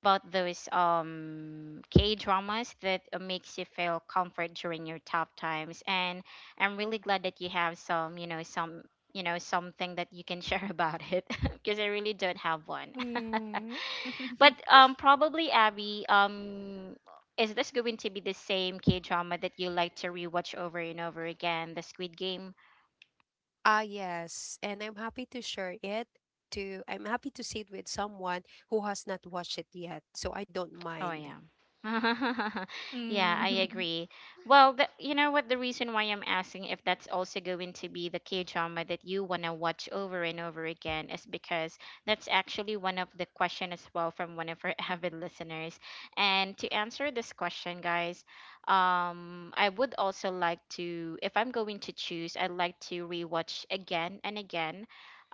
about those K dramas that makes you feel comfort during your tough times. And I'm really glad that you have some you know some something that you can share about it because I really don't have one. Mm. But probably Abby, is this going to be the same K drama that you like to rewatch over and over again, the Squid Game? Ah, yes. And I'm happy to share it to I'm happy to see it with someone who has not watched it yet, so I don't Oh, mind. yeah. Yeah, I Mm. agree. Well, you know what? The reason why I'm asking if that's also going to be the K drama that you want to watch over and over again is because that's actually one of the question as well from one of our avid listeners. And to answer this question, guys, I would also like to, if I'm going to choose, I'd like to rewatch again and again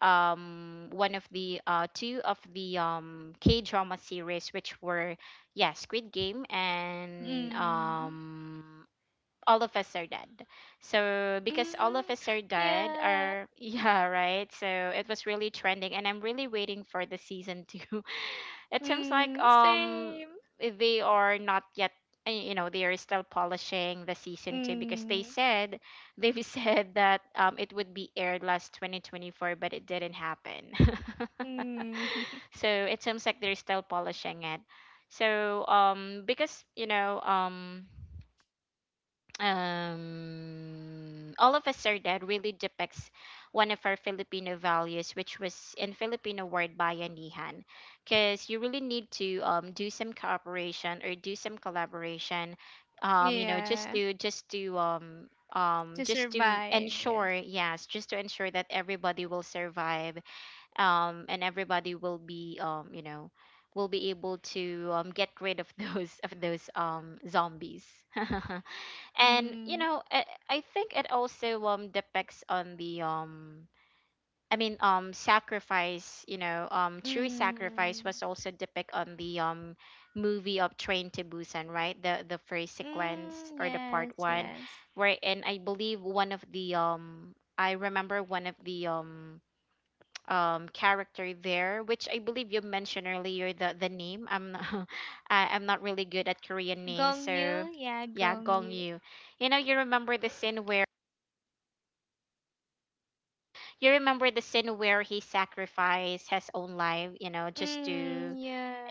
one of the two of the K drama series, which were, yeah, Squid Game and Mm. All of Us Are Dead. So because All of Mm. Us Are Dead Yeah. are, yeah, right. So it was really trending and I'm really waiting for the season 2. It seems like Mm. Same. they are not yet, you know, they are still polishing the season 2 because they Mm. said they've said that it would be aired last 2024 but it didn't happen. Mm. So it seems like they're still polishing it. So because All of Us Are Dead really depicts one of our Filipino values, which was in Filipino word bayanihan, because you really need to do some cooperation or do some collaboration, um you know just Yeah. to just to um To just to survive. Yeah. ensure, yes, just to ensure that everybody will survive, and everybody will be, will be able to, get rid of those zombies. And you Mm. know, I think it also, depicts on the, I mean, sacrifice, you know, true sacrifice Mm. was also depicted on the, movie of Train to Busan, right? The first sequence Mm. or the part Yes. one, Yes. where, and I believe one of the, I remember one of the, character there, which I believe you mentioned earlier, the name, I'm not, I'm not really good at Korean names, Gong Yu. so Yeah. yeah, Gong Gong Yu. Yu. You know, you remember the scene where he sacrificed his own life, you know, just to, Mm.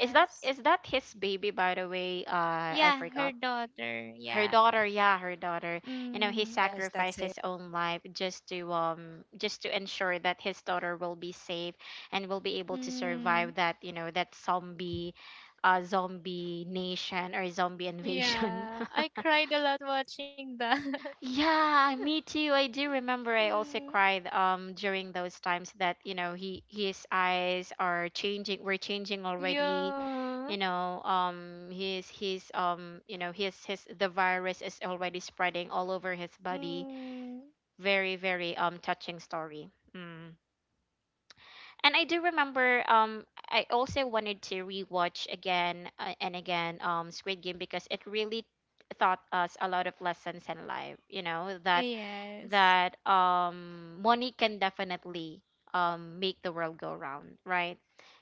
is that, his baby, by the way? I Yeah. Her forgot. daughter. Her Yeah. daughter, yeah, her daughter. You know, he Mm. Yes, that's sacrificed it. his own life just to, ensure that his daughter will be safe and will be able to Mm. survive that, you know, that zombie, zombie nation or zombie invasion. Yeah. I cried a lot watching that. Yeah, me too. I do remember I Mm, also cried during those times that, you know, he his eyes are changing, were changing already. yeah. You know, his you know, his the virus is already spreading all over his body. Mm, Very, very touching story. Mm. And I do remember, I also wanted to rewatch again and again Squid Game because it really taught us a lot of lessons in life, you know, that yes. that um, money can definitely, make the world go round, right?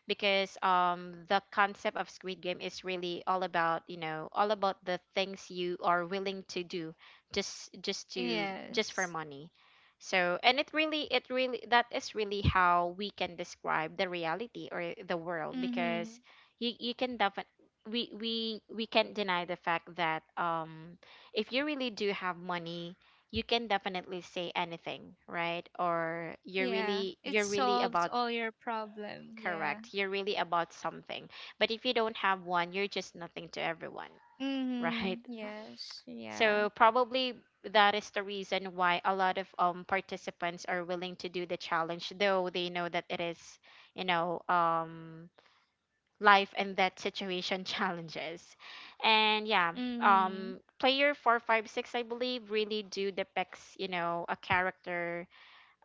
Because, the concept of Squid Game is really all about, all about the things you are willing to do, just Yes. for money. So, and it really, it really, that is really how we can describe the reality or the world Mm-hmm. because you can definitely, we we we can't deny the fact that if you really do have money, you can definitely say anything, right? or you're Yeah. really It You're really solves about, all your problem. Yeah. correct, you're really about something, but if you don't have one, you're just nothing to everyone. Right. Mm-hmm. Yes. Yeah. So probably that is the reason why a lot of participants are willing to do the challenge, though they know that it is, you know um life and death situation challenges. And Mm. yeah, player 456, I believe, really do depicts, you know, a character,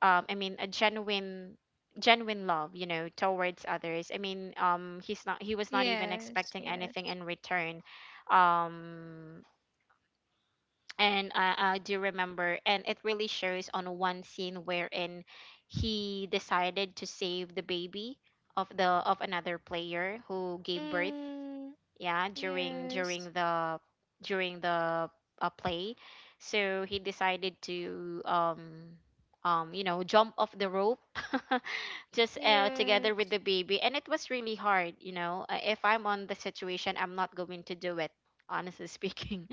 I mean a genuine, genuine love, you know, towards others. I mean, he's not, he was not even Yes. expecting Yes. anything in return, um and I do remember, and it really shows on one scene wherein he decided to save the baby of the of another player who gave birth, Mm. yeah, during Yes. during the during the uh, play. So he decided to, you know, jump off the rope, just, together with Yes. the baby. And it was really hard, you know. If I'm on the situation, I'm not going to do it, honestly speaking.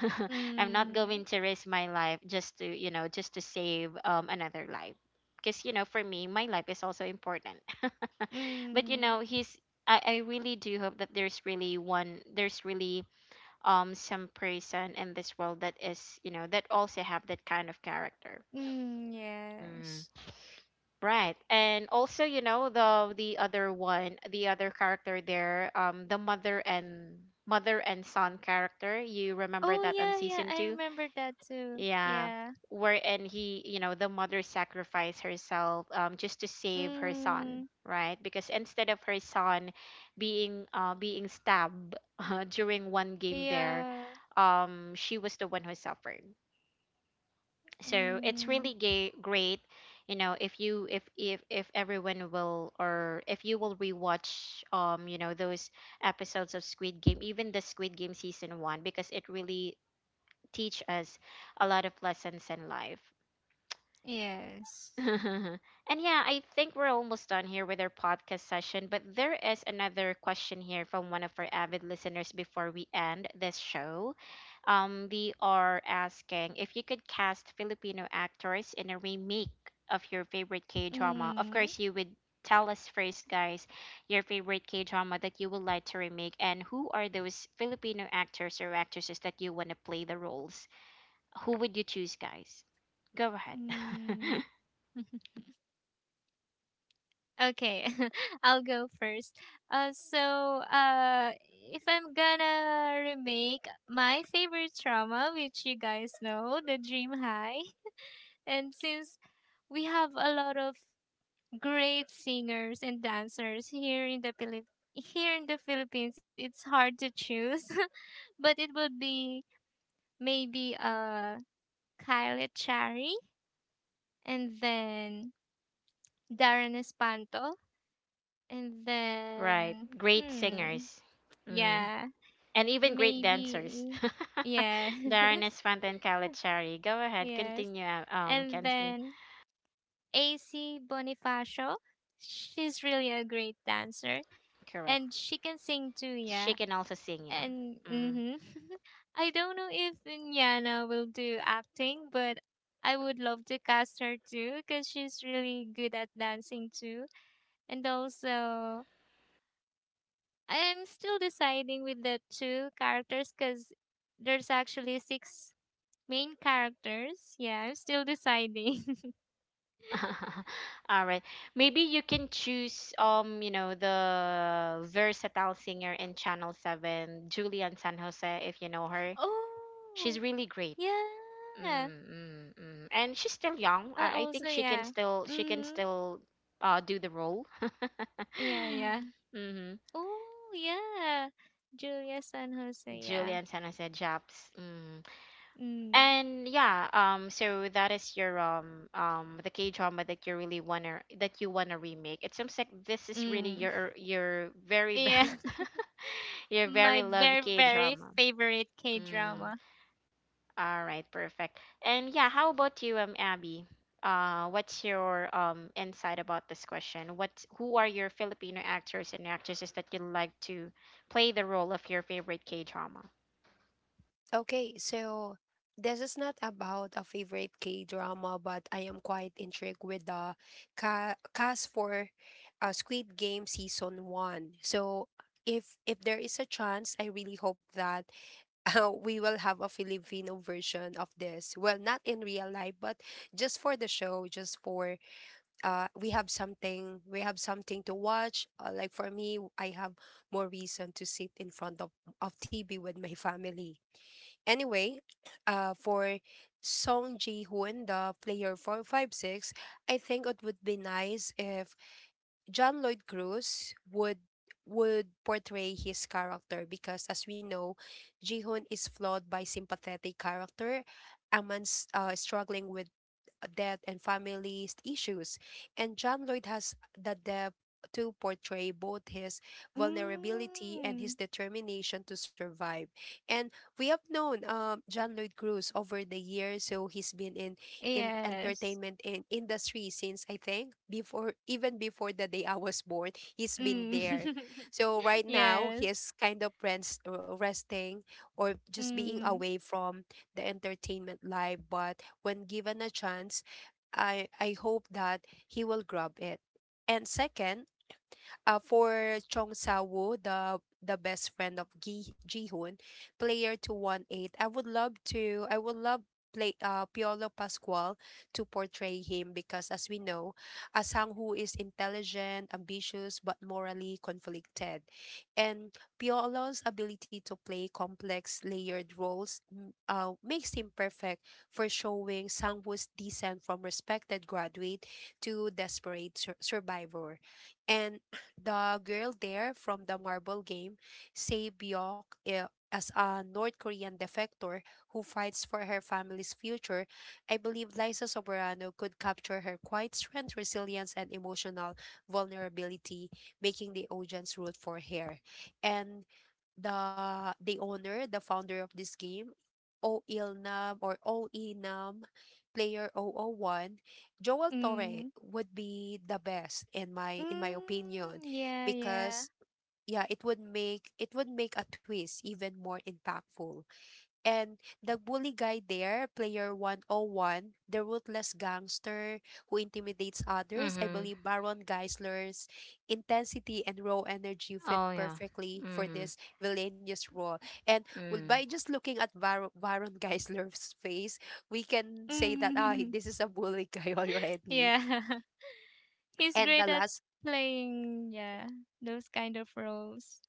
I'm not Mm. going to risk my life just to, save, another life, because you know, for me, my life is also important. But you Mm. know, he's, I really do hope that there's really, some person in this world that is, you know, that also have that kind of character. Mm. Yes. Right. And also, you know, the other character there, the mother and, mother and son character. You remember Oh that on yeah, yeah. season I two? remember that too. Yeah. Yeah. Wherein he, you know, the mother sacrificed herself just to save her son, Mm. right? Because instead of her son being, being stabbed during one game there, Yeah. She was the one who suffered. So it's really Mm, gay, great, you know, if you, if everyone will, or if you will rewatch, you know, those episodes of Squid Game, even the Squid Game season 1, because it really teach us a lot of lessons in life. yes. And yeah, I think we're almost done here with our podcast session, but there is another question here from one of our avid listeners before we end this show. We are asking, if you could cast Filipino actors in a remake of your favorite K drama, of Mm, course you would tell us first, guys, your favorite K drama that you would like to remake, and who are those Filipino actors or actresses that you want to play the roles? Who would you choose, guys? Go ahead. mm. Okay, I'll go first. Uh, so uh, if I'm gonna remake my favorite drama, which you guys know, The Dream High, and since we have a lot of great singers and dancers here in the Philip here in the Philippines, it's hard to choose, but it would be maybe Kylie Chari, and then Darren Espanto. And Right, then, great hmm, singers. Mm. yeah, And even great dancers. maybe. Yes. Darren Esfant and Khaled Shari. Go ahead, yes. continue, And Kensley. then AC Bonifacio. She's really a great dancer. And Correct. she can sing too, She yeah. can also sing, yeah. And Mm. mm-hmm. I don't know if Nyana will do acting, but I would love to cast her too because she's really good at dancing too. And also, I'm still deciding with the two characters because there's actually six main characters. Yeah, I'm still deciding. All right. Maybe you can choose, you know, the versatile singer in Channel 7, Julian San Jose, if you know her. oh, She's really great. yeah. Mm. And she's still I young. I also, think yeah. She can Mm-hmm. still, do the role. Yeah, yeah. Mm-hmm. Oh, yeah. Julia San Jose, yeah. Julian San Jose Japs. Mhm. Mm. And yeah, so that is your the K drama that you really wanna that you wanna remake. It seems like this is really Mm. Your very Yeah. best, your My very loved very, K very drama. favorite K Mm, drama. all right, perfect. And yeah, how about you, Abby? What's your insight about this question? What, who are your Filipino actors and actresses that you like to play the role of your favorite K drama? Okay, so this is not about a favorite K-drama, but I am quite intrigued with the ca cast for, Squid Game season 1. So, if there is a chance, I really hope that we will have a Filipino version of this. Well, not in real life, but just for the show, just for we have something to watch, like, for me, I have more reason to sit in front of TV with my family anyway. For Song Ji-hoon, the player 456, I think it would be nice if John Lloyd Cruz would portray his character, because, as we know, Ji-hoon is flawed by sympathetic character, amongst, struggling with death and family issues. And John Lloyd has the depth to portray both his vulnerability and Mm. his determination to survive. And we have known, John Lloyd Cruz, over the years. So he's been in Yes. entertainment in industry since, I think, before, even before the day I was born, he's been Mm. there. So right now yes. he's kind of resting, or just being Mm. away from the entertainment life, but when given a chance, I hope that he will grab it. And second, for Chong sa, the best friend of Gi Jihoon, player to one eight. I would love to. I would love play, Piolo Pascual, to portray him, because, as we know, a Sang Woo is intelligent, ambitious, but morally conflicted, and Piolo's ability to play complex layered roles, makes him perfect for showing Sang Woo's descent from respected graduate to desperate survivor. And the girl there from the marble game, Se Byok, as a North Korean defector who fights for her family's future, I believe Liza Soberano could capture her quiet strength, resilience, and emotional vulnerability, making the audience root for her. And the owner, the founder of this game, OILNAM, or OENAM, player zero zero 001, Joel Torre Mm. would be the best, in my opinion, Mm. Yeah, yeah. because, yeah, it would make a twist even more impactful. And the bully guy there, player 101, the ruthless gangster who intimidates others, I Mm-hmm. believe Baron Geisler's intensity and raw energy fit Oh yeah. perfectly for Mm-hmm. this villainous role. And well, by Mm. just looking at Baron Geisler's face, we can say that, Mm. this is a bully guy already. Yeah. He's And great the at last playing, yeah, those kind of roles.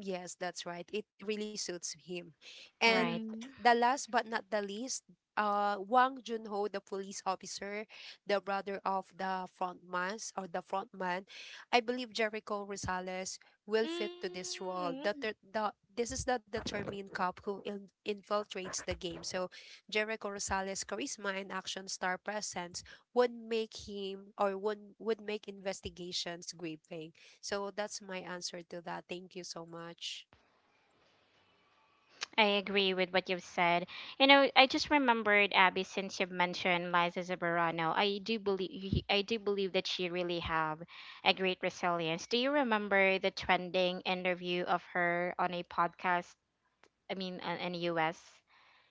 Yes, that's right. It really suits him. And Right. Mm. the last but not the least, Wang Junho, the police officer, the brother of the frontman, or the frontman. I believe Jericho Rosales will fit to this role. The, Mm. ter- the this is the determined cop who infiltrates the game. So Jericho Rosales' charisma and action star presence would make him, or would make investigations gripping. So that's my answer to that. Thank you so much. I agree with what you've said. You know, I just remembered, Abby, since you've mentioned Liza Zambrano. I do believe that she really have a great resilience. Do you remember the trending interview of her on a podcast? I mean, in US,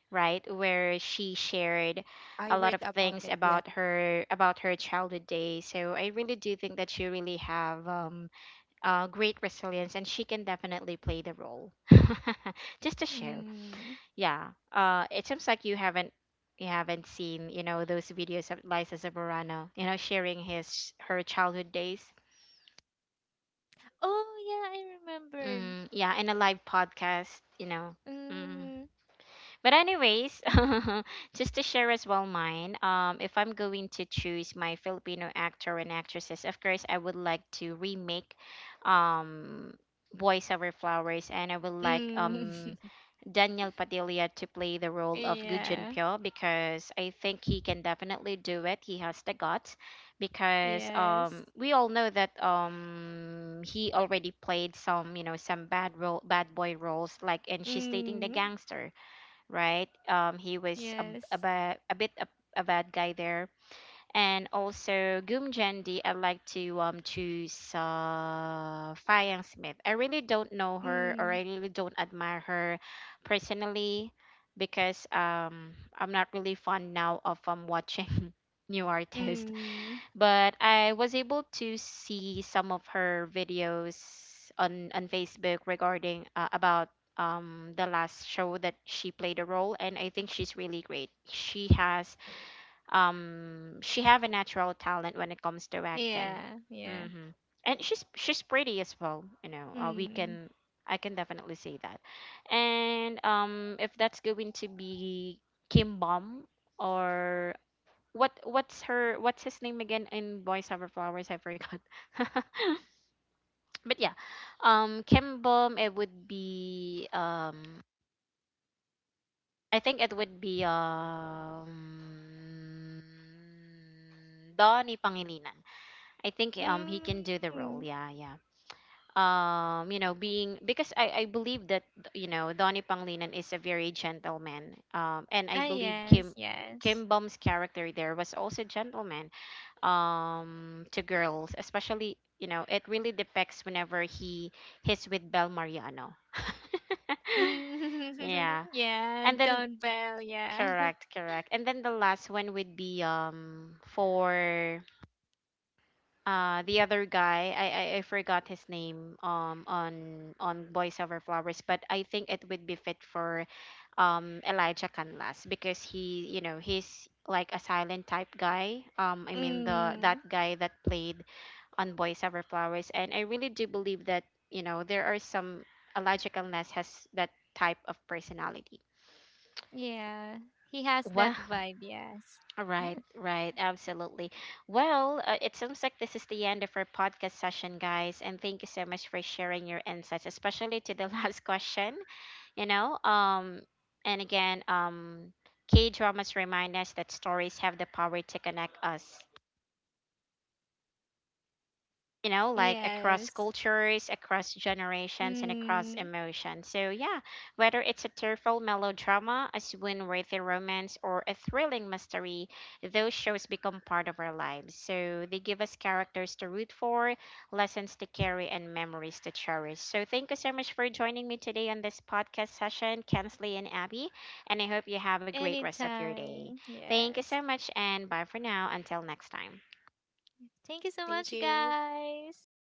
right, where she shared I a lot heard of about things it. Yes. about her, about her childhood days. So I really do think that she really have, great resilience, and she can definitely play the role. Just to share. Mm. Yeah. It seems like you haven't seen, you know, those videos of Liza Zamorano, you know, sharing his, her childhood days. Oh, yeah, I remembered. Mm, yeah, in a live podcast, you know. Mm. Mm. But anyways, just to share as well mine, if I'm going to choose my Filipino actor and actresses, of course I would like to remake um Boys Over Flowers, and I would like Mm. Daniel Padilla to play the role of Gu Yeah. Junpyo because I think he can definitely do it. He has the guts because Yes. we all know that he already played some, you know, some bad role bad boy roles, like in She's Dating the Mm. Gangster, right? He was a, Yes. ba- a bit a bad guy there. And also Goomjendi, I like to choose, Fayang Smith. I really don't know her, or I Mm. really don't admire her personally because I'm not really fond now of watching new artists. Mm. But I was able to see some of her videos on Facebook regarding, about the last show that she played a role, and I think she's really great. She has, she have a natural talent when it comes to Yeah, acting. yeah. Hmm. And she's pretty as well, you know, we Mm. can I can definitely say that. And if that's going to be Kim Bom, or what's her what's his name again in Boys Over Flowers, I forgot. But yeah, Kim Bom, it would be I think it would be Donnie Pangilinan. I think he can do the role, Mm. yeah, yeah. You know, being, because I believe that, you know, Donnie Panglinan is a very gentleman. And I Ah, believe yes, Kim yes. Bum's character there was also gentleman. To girls, especially, you know, it really depicts whenever he's with Bel Mariano. Mm, Yeah. yeah, And then Don Bell, yeah. correct, correct. And then the last one would be for, the other guy, I I forgot his name on Boys Over Flowers, but I think it would be fit for Elijah Canlas because he, you know, he's like a silent type guy, I mean the, that Mm, guy that played on Boys Over Flowers. And I really do believe that, you know, there are some Elijah Canlas has that type of personality. yeah, he has that Wow. vibe, yes. Right, right, absolutely. Well, it seems like this is the end of our podcast session, guys, and thank you so much for sharing your insights, especially to the last question. You know, and again, K dramas remind us that stories have the power to connect us, you know, like across Yes. cultures, across generations, and across Mm, emotions. So yeah, whether it's a tearful melodrama, a swoon worthy romance, or a thrilling mystery, those shows become part of our lives. So they give us characters to root for, lessons to carry, and memories to cherish. So thank you so much for joining me today on this podcast session, Kensley and Abby. And I hope you have a great rest of your day. anytime, Thank you so yes. much, and bye for now. Until next time. Thank you so Thank much, you. guys.